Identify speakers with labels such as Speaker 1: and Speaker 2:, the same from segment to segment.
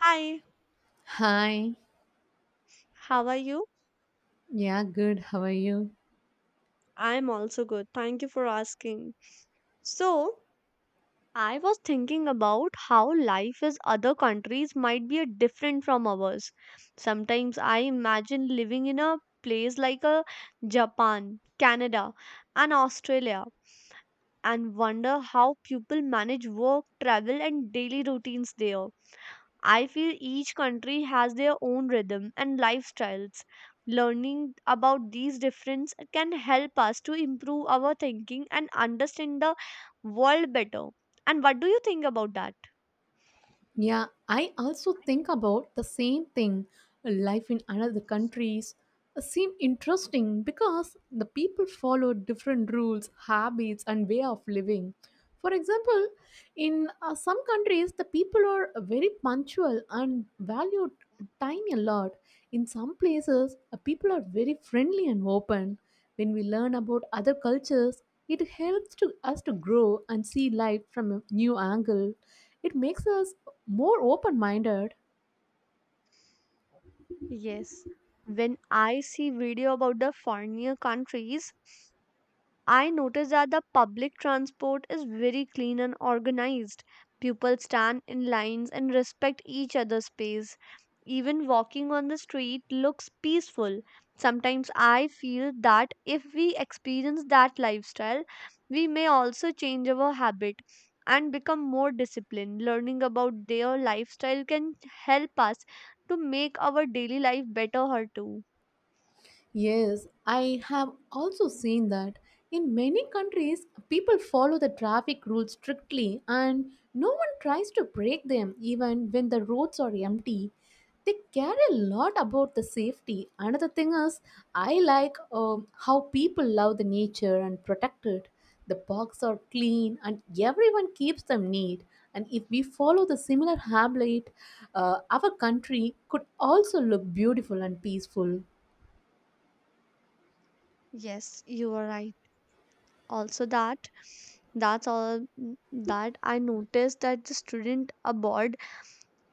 Speaker 1: Hi,
Speaker 2: Hi.
Speaker 1: how are you?
Speaker 2: Yeah, good. How are you?
Speaker 1: I'm also good. Thank you for asking. So, I was thinking about how life in other countries might be a different from ours. Sometimes I imagine living in a place like a Japan, Canada, and Australia and wonder how people manage work, travel, and daily routines there. I feel each country has their own rhythm and lifestyles. Learning about these differences can help us to improve our thinking and understand the world better. And what do you think about that?
Speaker 2: Yeah, I also think about the same thing, life in another countries seem interesting because the people follow different rules, habits, and way of living. For example, in some countries, the people are very punctual and value time a lot. In some places, people are very friendly and open. When we learn about other cultures, it helps to us to grow and see life from a new angle. It makes us more open-minded.
Speaker 1: Yes, when I see video about the foreigner countries, I noticed that the public transport is very clean and organized. People stand in lines and respect each other's space. Even walking on the street looks peaceful. Sometimes I feel that if we experience that lifestyle, we may also change our habit and become more disciplined. Learning about their lifestyle can help us to make our daily life better, her too.
Speaker 2: Yes, I have also seen that in many countries, people follow the traffic rules strictly and no one tries to break them even when the roads are empty. They care a lot about the safety. Another thing is, I like how people love the nature and protect it. The parks are clean and everyone keeps them neat. And if we follow the similar habit, our country could also look beautiful and peaceful.
Speaker 1: Yes, you are right. Also that that's all that I noticed that the student abroad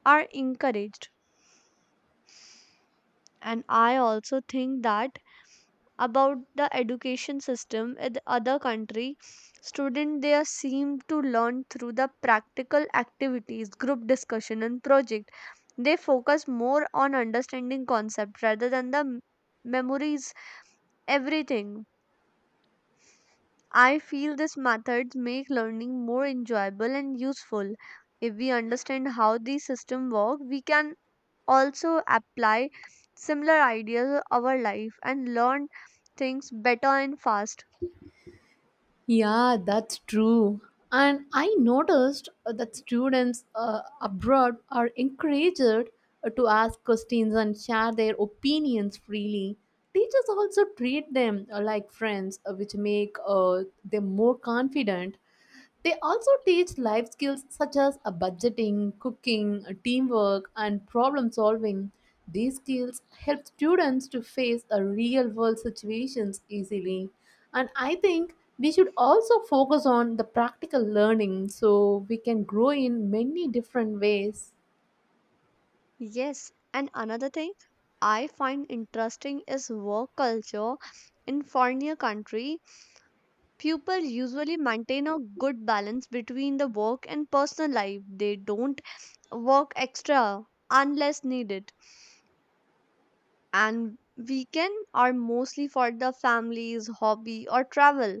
Speaker 1: are encouraged, and I also think that about the education system in the other country, student there seem to learn through the practical activities, group discussion and project. They focus more on understanding concept rather than the memories everything. I feel these methods make learning more enjoyable and useful. If we understand how these systems work, we can also apply similar ideas to our life and learn things better and fast.
Speaker 2: Yeah, that's true. And I noticed that students abroad are encouraged to ask questions and share their opinions freely. Teachers also treat them like friends, which make them more confident. They also teach life skills such as budgeting, cooking, teamwork, and problem solving. These skills help students to face a real world situations easily. And I think we should also focus on the practical learning so we can grow in many different ways.
Speaker 1: Yes, and another thing I find interesting is work culture in foreigner country. People usually maintain a good balance between the work and personal life. They don't work extra unless needed, and weekend are mostly for the families hobby or travel.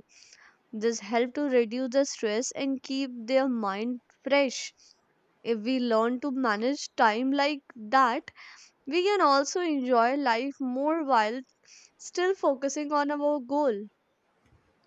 Speaker 1: This help to reduce the stress and keep their mind fresh. If we learn to manage time like that, we can also enjoy life more while still focusing on our goal.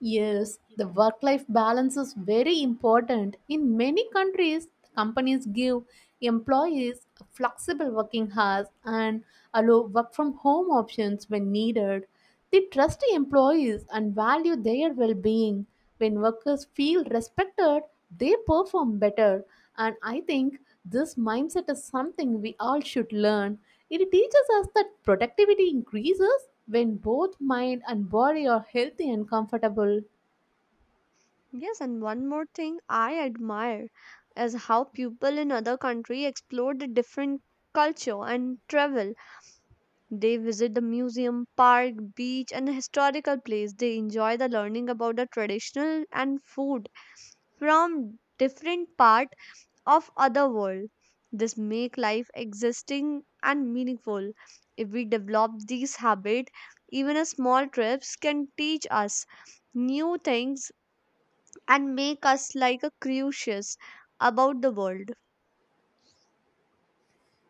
Speaker 2: Yes, the work life balance is very important. In many countries, companies give employees flexible working hours and allow work from home options when needed. They trust employees and value their well being. When workers feel respected, they perform better. And I think this mindset is something we all should learn. It teaches us that productivity increases when both mind and body are healthy and comfortable.
Speaker 1: Yes, and one more thing I admire is how people in other country explore the different culture and travel. They visit the museum, park, beach, and historical place. They enjoy the learning about the traditional and food from different part of other world. This make life existing and meaningful. If we develop these habit, even a small trips can teach us new things and make us like a curious about the world.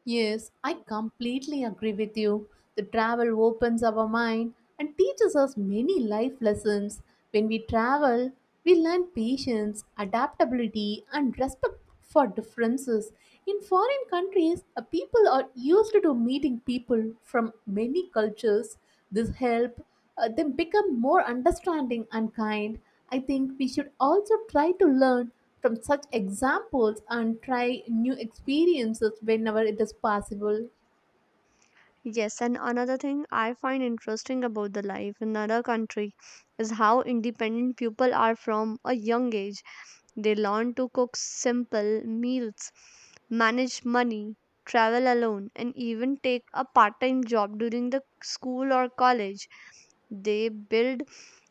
Speaker 2: Yes, I completely agree with you. The travel opens our mind and teaches us many life lessons. When we travel, we learn patience, adaptability, and respect for differences. In foreign countries, people are used to meeting people from many cultures. This help they become more understanding and kind. I think we should also try to learn from such examples and try new experiences whenever it is possible.
Speaker 1: Yes, and another thing I find interesting about the life in another country is how independent people are from a young age. They learn to cook simple meals, manage money, travel alone, and even take a part-time job during the school or college. They build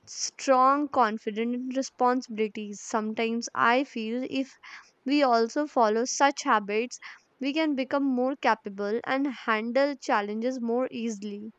Speaker 1: strong confidence and responsibilities. Sometimes I feel if we also follow such habits, we can become more capable and handle challenges more easily.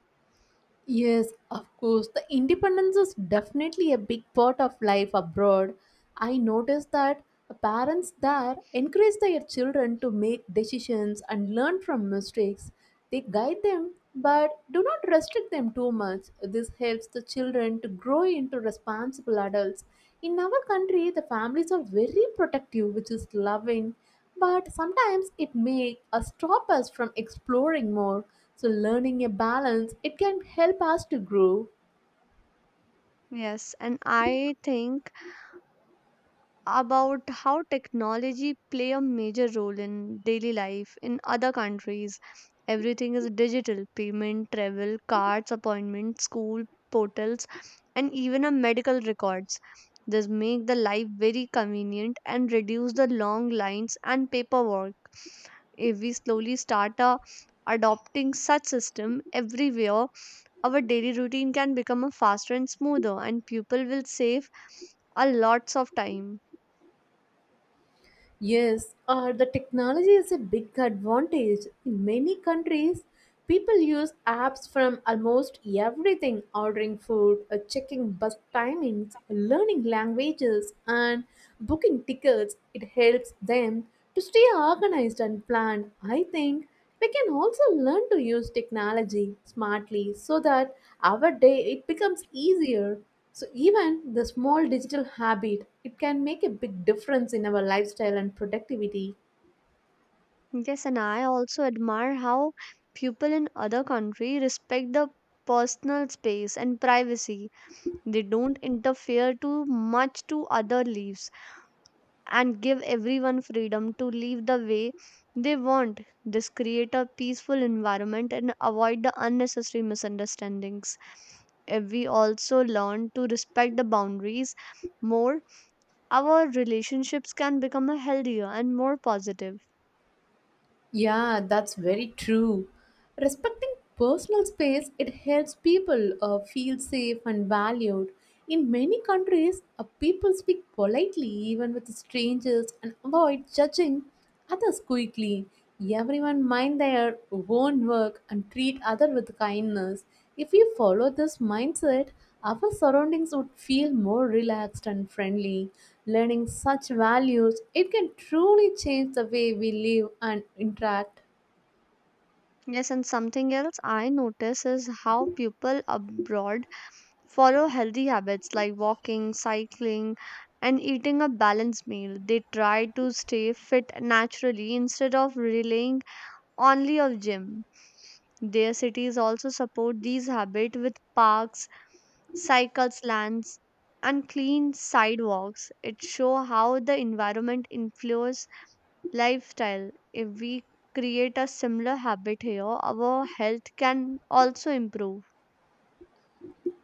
Speaker 2: Yes, of course. The independence is definitely a big part of life abroad. I noticed that parents there encourage their children to make decisions and learn from mistakes. They guide them but do not restrict them too much. This helps the children to grow into responsible adults. In our country, the families are very protective, which is loving, but sometimes it may stop us from exploring more, so learning a balance it can help us to grow.
Speaker 1: Yes, and I think about how technology play a major role in daily life in other countries. Everything is digital payment, travel cards, appointments, school portals, and even a medical records. This make the life very convenient and reduce the long lines and paperwork. If we slowly start adopting such system everywhere, our daily routine can become a faster and smoother and people will save a lots of time.
Speaker 2: Yes, the technology is a big advantage. In many countries, people use apps from almost everything: ordering food, checking bus timings, learning languages, and booking tickets. It helps them to stay organized and planned. I think we can also learn to use technology smartly so that our day it becomes easier, so even the small digital habit, it can make a big difference in our lifestyle and productivity.
Speaker 1: Yes, and I also admire how people in other countries respect the personal space and privacy. They don't interfere too much to other lives and give everyone freedom to live the way they want. This create a peaceful environment and avoid the unnecessary misunderstandings. If we also learn to respect the boundaries more, our relationships can become a healthier and more positive.
Speaker 2: Yeah, that's very true. Respecting personal space, it helps people feel safe and valued. In many countries, people speak politely even with strangers and avoid judging others quickly. Everyone mind their own work and treat other with kindness. If we follow this mindset, our surroundings would feel more relaxed and friendly. Learning such values, it can truly change the way we live and interact.
Speaker 1: Yes, and something else I notice is how people abroad follow healthy habits like walking, cycling, and eating a balanced meal. They try to stay fit naturally instead of relying only on gym. Their cities also support these habits with parks, cycle slants, and clean sidewalks. It show how the environment influences lifestyle. If we create a similar habit here, our health can also improve.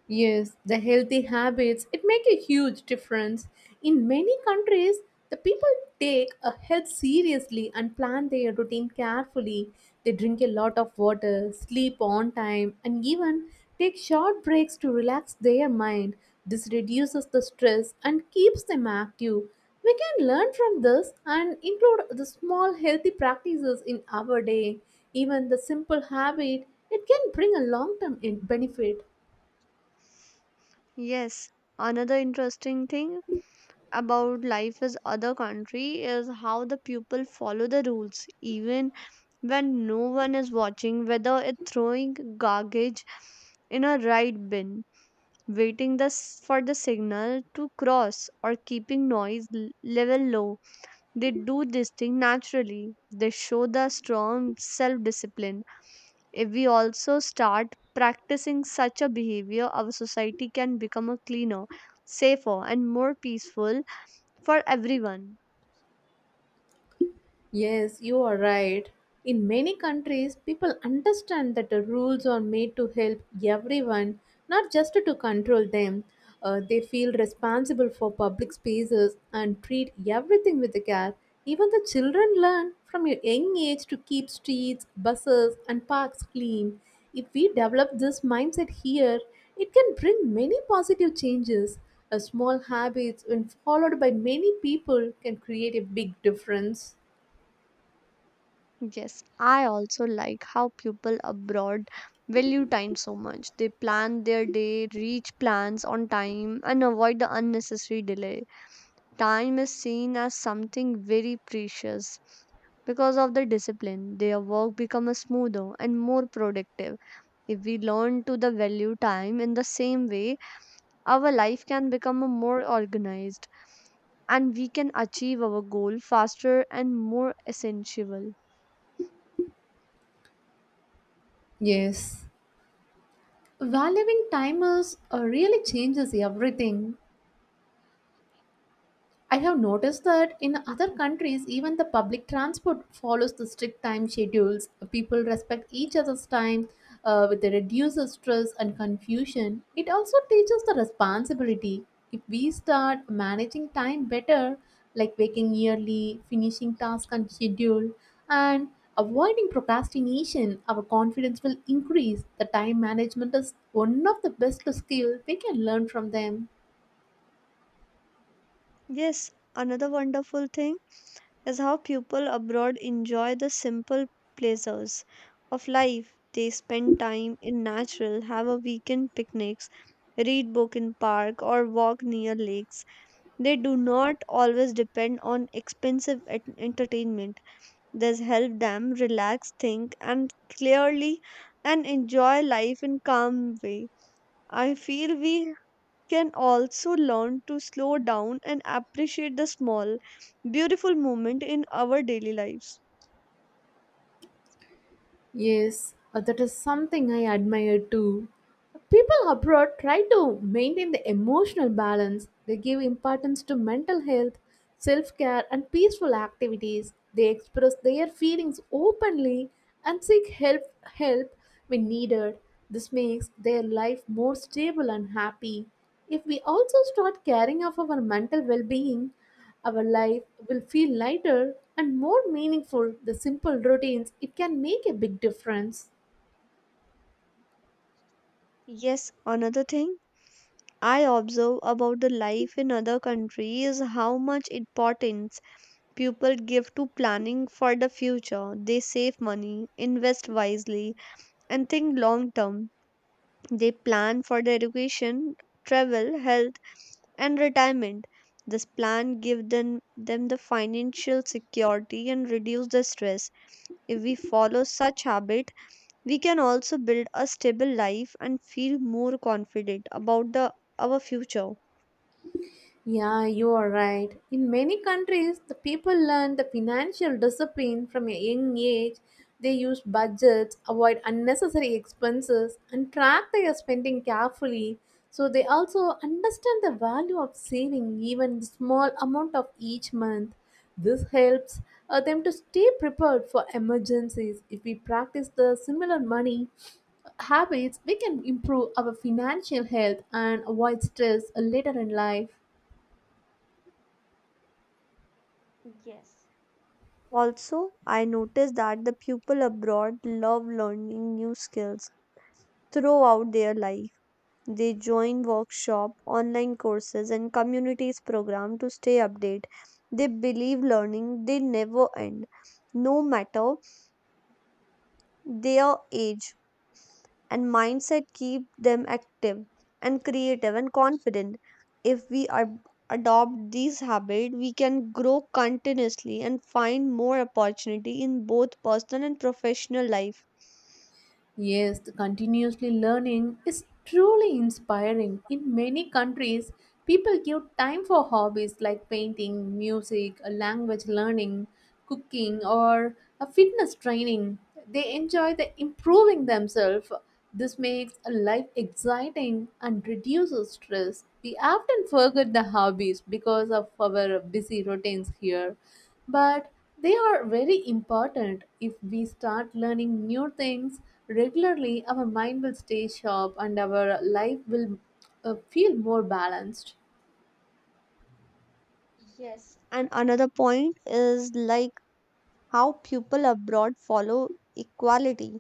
Speaker 2: Yes, the healthy habits, it make a huge difference. In many countries, the people take a health seriously and plan their routine carefully. They drink a lot of water, sleep on time, and even take short breaks to relax their mind. This reduces the stress and keeps them active. We can learn from this and include the small healthy practices in our day. Even the simple habit, it can bring a long-term benefit.
Speaker 1: Yes, another interesting thing about life is other country is how the people follow the rules even when no one is watching, whether it's throwing garbage in a right bin, waiting for the signal to cross, or keeping noise level low. They do this thing naturally. They show the strong self discipline. If we also start practicing such a behavior, our society can become a cleaner, safer, and more peaceful for everyone.
Speaker 2: Yes, you are right. In many countries, people understand that the rules are made to help everyone, not just to control them. They feel responsible for public spaces and treat everything with care. Even the children learn from a young age to keep streets, buses, and parks clean. If we develop this mindset here, it can bring many positive changes. A small habits, when followed by many people, can create a big difference.
Speaker 1: Yes, I also like how people abroad value time so much. They plan their day, reach plans on time, and avoid the unnecessary delay. Time is seen as something very precious. Because of the discipline, their work becomes smoother and more productive. If we learn to the value time in the same way, our life can become a more organized and we can achieve our goal faster and more essential.
Speaker 2: Yes, valuing timers really changes everything. I have noticed that in other countries, even the public transport follows the strict time schedules. People respect each other's time, with the reduced stress and confusion. It also teaches the responsibility. If we start managing time better, like waking early, finishing tasks on schedule, and avoiding procrastination, our confidence will increase. The time management is one of the best skills we can learn from them.
Speaker 1: Yes, another wonderful thing is how people abroad enjoy the simple pleasures of life. They spend time in natural, have a weekend picnics, read book in park or walk near lakes. They do not always depend on expensive entertainment. This helps them relax, think, and clearly and enjoy life in calm way. I feel we can also learn to slow down and appreciate the small, beautiful moment in our daily lives.
Speaker 2: Yes, that is something I admire too. People abroad try to maintain the emotional balance. They give importance to mental health, self care, and peaceful activities. They express their feelings openly and seek help when needed. This makes their life more stable and happy. If we also start caring of our mental well being, our life will feel lighter and more meaningful. The simple routines, it can make a big difference.
Speaker 1: Yes, another thing I observe about the life in other countries is how much importance people give to planning for the future. They save money, invest wisely, and think long term. They plan for their education, travel, health, and retirement. This plan gives them the financial security and reduce the stress. If we follow such habit, we can also build a stable life and feel more confident about the our future.
Speaker 2: Yeah, you are right. In many countries, the people learn the financial discipline from a young age. They use budgets, avoid unnecessary expenses, and track their spending carefully. So they also understand the value of saving even the small amount of each month. This helps them to stay prepared for emergencies. If we practice the similar money habits, we can improve our financial health and avoid stress later in life.
Speaker 1: Yes. Also, I noticed that the people abroad love learning new skills throughout their life. They join workshop, online courses and communities program to stay update. They believe learning they never end no matter their age, and mindset keep them active and creative and confident. If we adopt these habits, we can grow continuously and find more opportunity in both personal and professional life.
Speaker 2: Yes, the continuously learning is truly inspiring. In many countries, people give time for hobbies like painting, music, a language learning, cooking, or a fitness training. They enjoy the improving themselves. This makes a life exciting and reduces stress. We often forget the hobbies because of our busy routines here. But they are very important. If we start learning new things regularly, our mind will stay sharp and our life will feel more balanced.
Speaker 1: Yes, and another point is like how people abroad follow equality.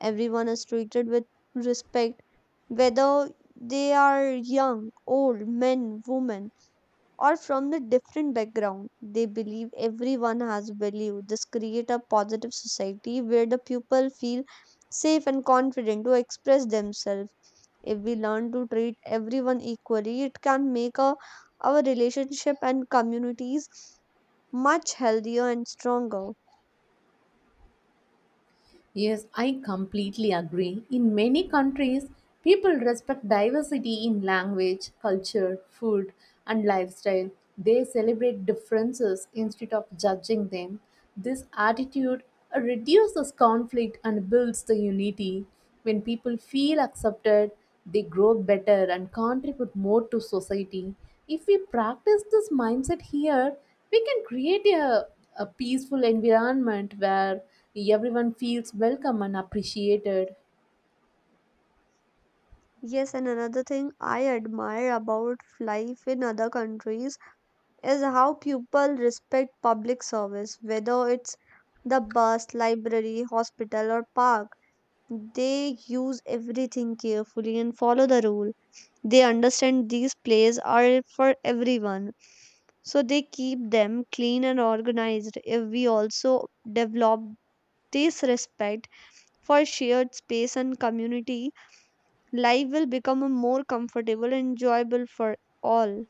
Speaker 1: Everyone is treated with respect, whether they are young, old, men, women, or from the different background. They believe everyone has value. This create a positive society where the people feel safe and confident to express themselves. If we learn to treat everyone equally, it can make a, our relationship and communities much healthier and stronger.
Speaker 2: Yes, I completely agree. In many countries, people respect diversity in language, culture, food, and lifestyle. They celebrate differences instead of judging them. This attitude reduces conflict and builds the unity. When people feel accepted, they grow better and contribute more to society. If we practice this mindset here, we can create a peaceful environment where everyone feels welcome and appreciated.
Speaker 1: Yes, and another thing I admire about life in other countries is how people respect public service, whether it's the bus, library, hospital, or park. They use everything carefully and follow the rule. They understand these plays are for everyone, so they keep them clean and organized. If we also develop this respect for shared space and community, life will become a more comfortable and enjoyable for all.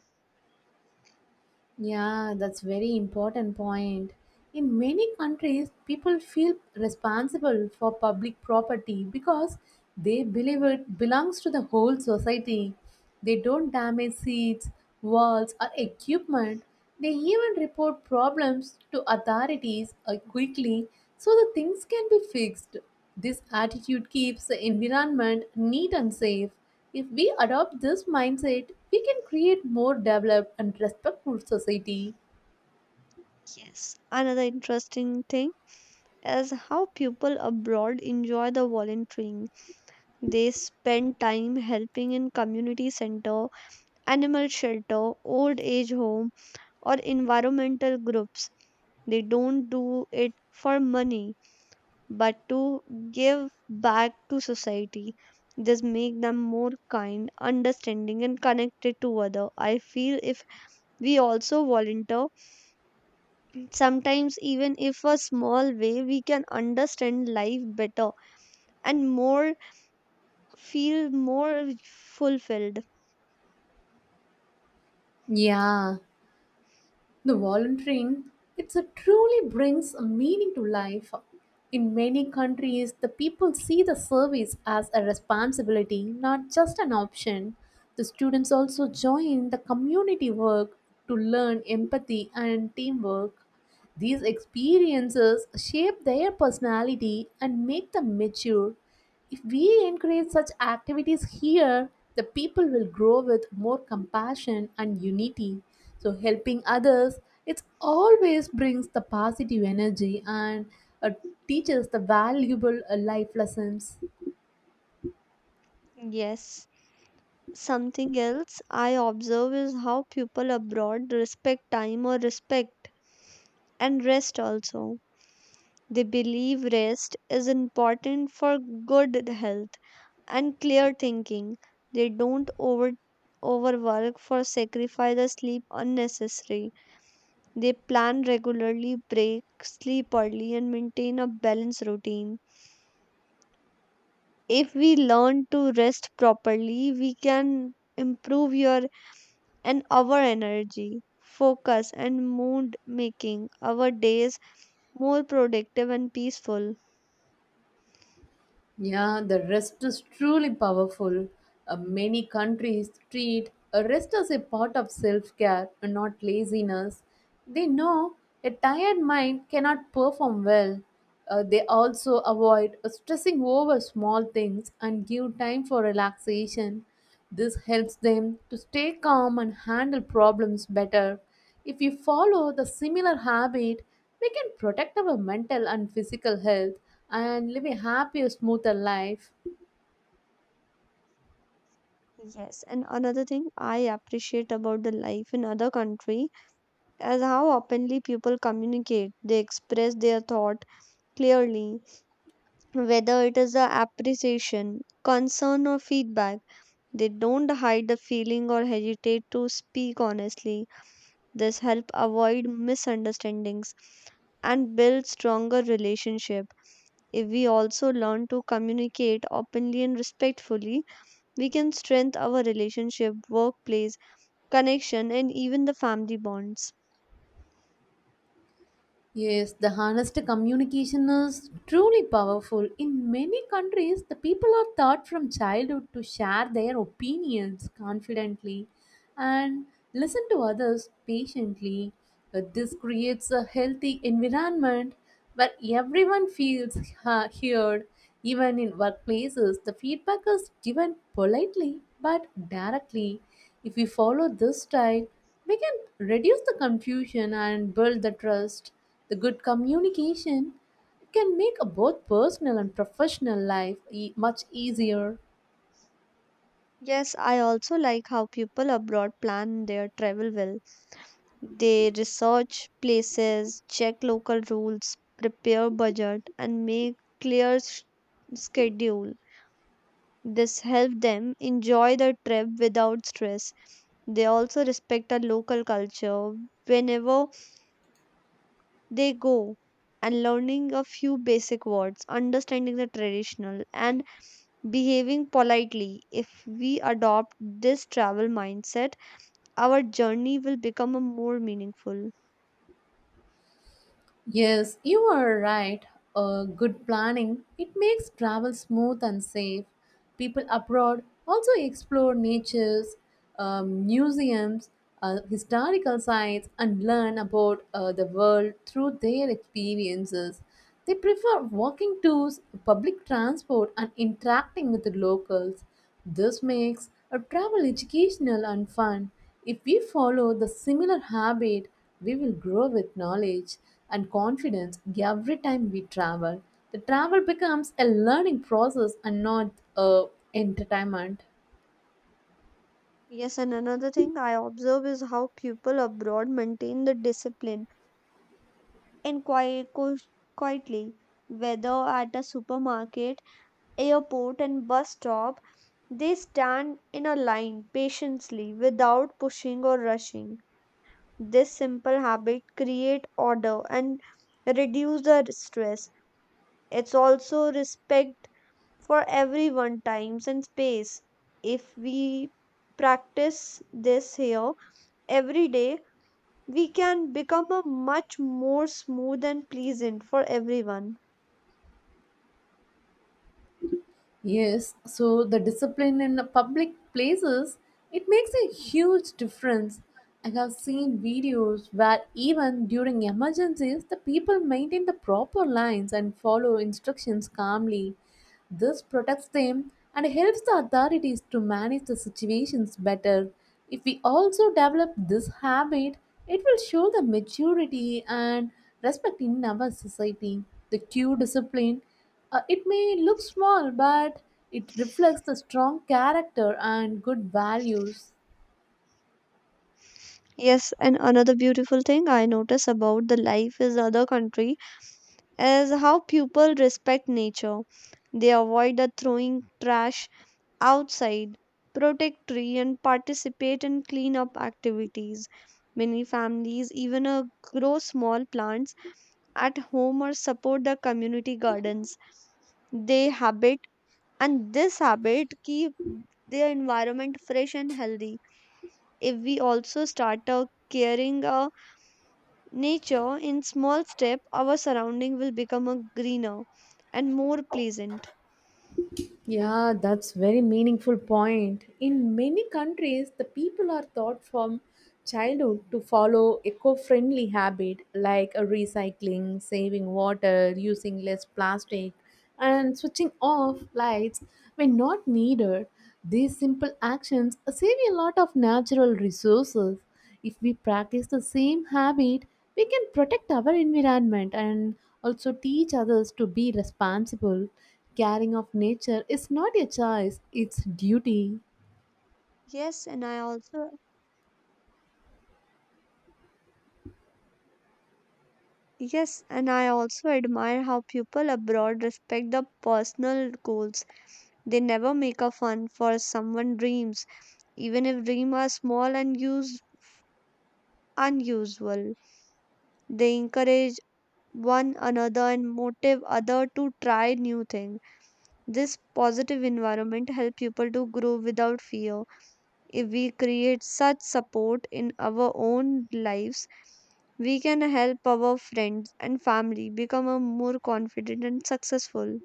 Speaker 2: Yeah, that's very important point. In many countries, people feel responsible for public property because they believe it belongs to the whole society. They don't damage seats, walls, or equipment. They even report problems to authorities quickly so the things can be fixed. This attitude keeps the environment neat and safe. If we adopt this mindset, we can create more developed and respectful society.
Speaker 1: Yes, another interesting thing is how people abroad enjoy the volunteering. They spend time helping in community center, animal shelter, old age home, or environmental groups. They don't do it for money, but to give back to society. This make them more kind, understanding, and connected to other. I feel if we also volunteer, sometimes even if a small way, we can understand life better and more feel more fulfilled.
Speaker 2: Yeah, the volunteering, it's a truly brings a meaning to life. In many countries, the people see the service as a responsibility, not just an option. The students also join the community work to learn empathy and teamwork. These experiences shape their personality and make them mature. If we encourage such activities here, the people will grow with more compassion and unity. So, helping others, it always brings the positive energy and uh, teaches the valuable life lessons.
Speaker 1: Yes. Something else I observe is how people abroad respect time or respect and rest also. They believe rest is important for good health and clear thinking. They don't overwork for sacrifice or sleep unnecessary. They plan regularly, break, sleep early, and maintain a balanced routine. If we learn to rest properly, we can improve your and our energy, focus and mood, making our days more productive and peaceful.
Speaker 2: Yeah, the rest is truly powerful. Many countries treat a rest as a part of self care and not laziness. They know a tired mind cannot perform well. They also avoid stressing over small things and give time for relaxation. This helps them to stay calm and handle problems better. If we follow the similar habit, we can protect our mental and physical health and live a happier, smoother life.
Speaker 1: Yes, and another thing I appreciate about the life in other country is how openly people communicate. They express their thought clearly, whether it is a appreciation, concern or feedback. They don't hide the feeling or hesitate to speak honestly. This help avoid misunderstandings and build stronger relationship. If we also learn to communicate openly and respectfully, we can strengthen our relationship, workplace, connection and even the family bonds.
Speaker 2: Yes, the honest communication is truly powerful. In many countries, the people are taught from childhood to share their opinions confidently and listen to others patiently. This creates a healthy environment where everyone feels heard. Even in workplaces, the feedback is given politely but directly. If we follow this style, we can reduce the confusion and build the trust. The good communication can make a both personal and professional life much easier.
Speaker 1: Yes, I also like how people abroad plan their travel well. They research places, check local rules, prepare budget and make clear schedule. This helps them enjoy the trip without stress. They also respect our local culture whenever they go, and learning a few basic words, understanding the traditional and behaving politely. If we adopt this travel mindset, our journey will become a more meaningful.
Speaker 2: Yes, you are right. Good planning it makes travel smooth and safe. People abroad also explore natures, museums, historical sites, and learn about the world through their experiences. They prefer walking tours, public transport, and interacting with the locals. This makes a travel educational and fun. If we follow the similar habit, we will grow with knowledge and confidence every time we travel. The travel becomes a learning process and not a entertainment.
Speaker 1: Yes, and another thing I observe is how people abroad maintain the discipline and quietly, whether at a supermarket, airport and bus stop, they stand in a line patiently without pushing or rushing. This simple habit create order and reduce the stress. It's also respect for everyone times and space. If we practice this here every day, we can become a much more smooth and pleasant for everyone.
Speaker 2: Yes, so the discipline in the public places, it makes a huge difference. I have seen videos where even during emergencies, the people maintain the proper lines and follow instructions calmly. This protects them and helps the authorities to manage the situations better. If we also develop this habit, it will show the maturity and respect in our society. The Q discipline it may look small, but it reflects the strong character and good values.
Speaker 1: Yes, and another beautiful thing I notice about the life is other country is how people respect nature. They avoid the throwing trash outside, protect tree and participate in cleanup activities. Many families even grow small plants at home or support the community gardens. They habit and this habit keep their environment fresh and healthy. If we also start caring nature in small step, our surrounding will become a greener and more pleasant.
Speaker 2: Yeah, that's very meaningful point. In many countries, the people are taught from childhood to follow eco-friendly habit like recycling, saving water, using less plastic, and switching off lights when not needed. These simple actions save a lot of natural resources. If we practice the same habit, we can protect our environment and also teach others to be responsible. Caring of nature is not a choice, it's duty.
Speaker 1: Yes, and I also yes, and I also admire how people abroad respect the personal goals. They never make a fun for someone dreams, even if dreams are small and use unusual. They encourage one another and motive other to try new things. This positive environment help people to grow without fear. If we create such support in our own lives, we can help our friends and family become a more confident and successful.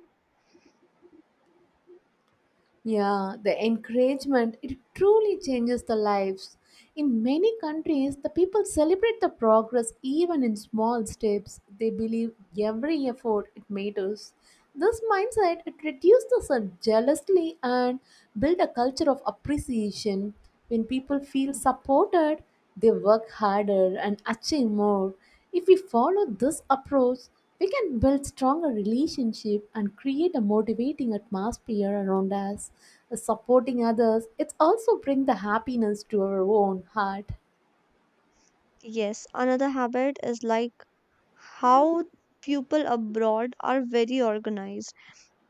Speaker 2: Yeah, the encouragement, it truly changes the lives. In many countries, the people celebrate the progress even in small steps. They believe every effort it matters. This mindset it reduces the jealousy and build a culture of appreciation. When people feel supported, they work harder and achieve more. If we follow this approach, we can build stronger relationship and create a motivating atmosphere around us. Supporting others, it also brings the happiness to our own heart.
Speaker 1: Yes, another habit is like how people abroad are very organized.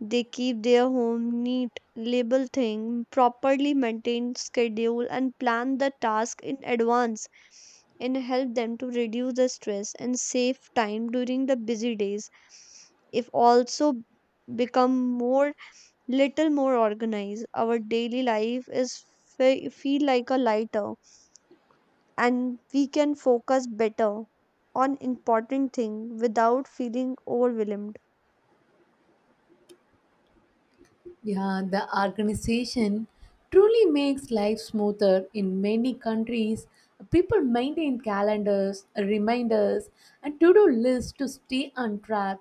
Speaker 1: They keep their home neat, label things properly, maintain schedule, and plan the task in advance and help them to reduce the stress and save time during the busy days. If also become more little more organized, our daily life is feel like a lighter and we can focus better on important thing without feeling overwhelmed.
Speaker 2: Yeah, the organization truly makes life smoother in many countries. People maintain calendars, reminders, and to do lists to stay on track.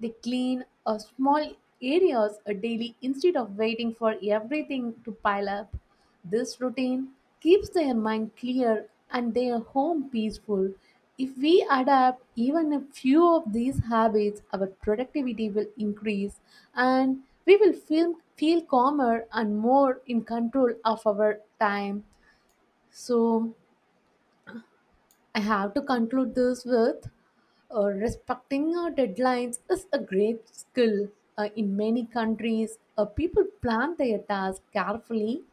Speaker 2: They clean small areas a daily instead of waiting for everything to pile up. This routine keeps their mind clear and their home peaceful. If we adapt even a few of these habits, our productivity will increase and we will feel calmer and more in control of our time. So, I have to conclude this with respecting our deadlines is a great skill. In many countries, people plan their tasks carefully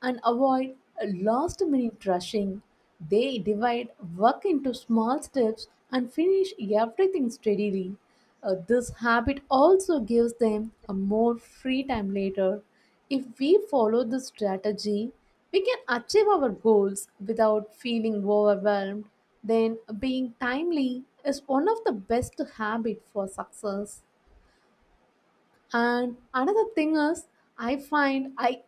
Speaker 2: and avoid last minute rushing. They divide work into small steps and finish everything steadily. This habit also gives them a more free time later. If we follow this strategy, we can achieve our goals without feeling overwhelmed, then being timely is one of the best habits for success. And another thing is, I find I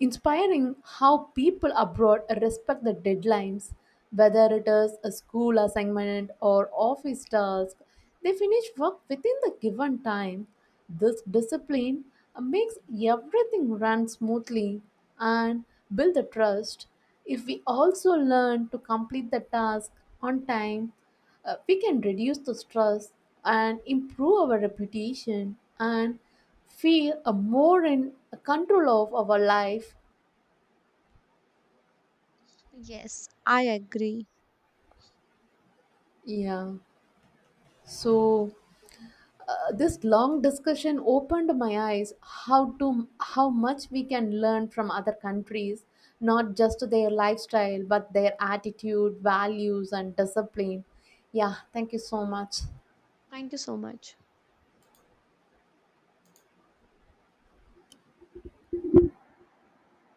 Speaker 2: inspiring how people abroad respect the deadlines, whether it is a school assignment or office task. They finish work within the given time. This discipline makes everything run smoothly and build the trust. If we also learn to complete the task on time, we can reduce the stress and improve our reputation and feel more in control of our life.
Speaker 1: Yes, I agree.
Speaker 2: Yeah. So this long discussion opened my eyes how much we can learn from other countries, not just their lifestyle, but their attitude, values, and discipline. Yeah, thank you so much.
Speaker 1: Thank you so much.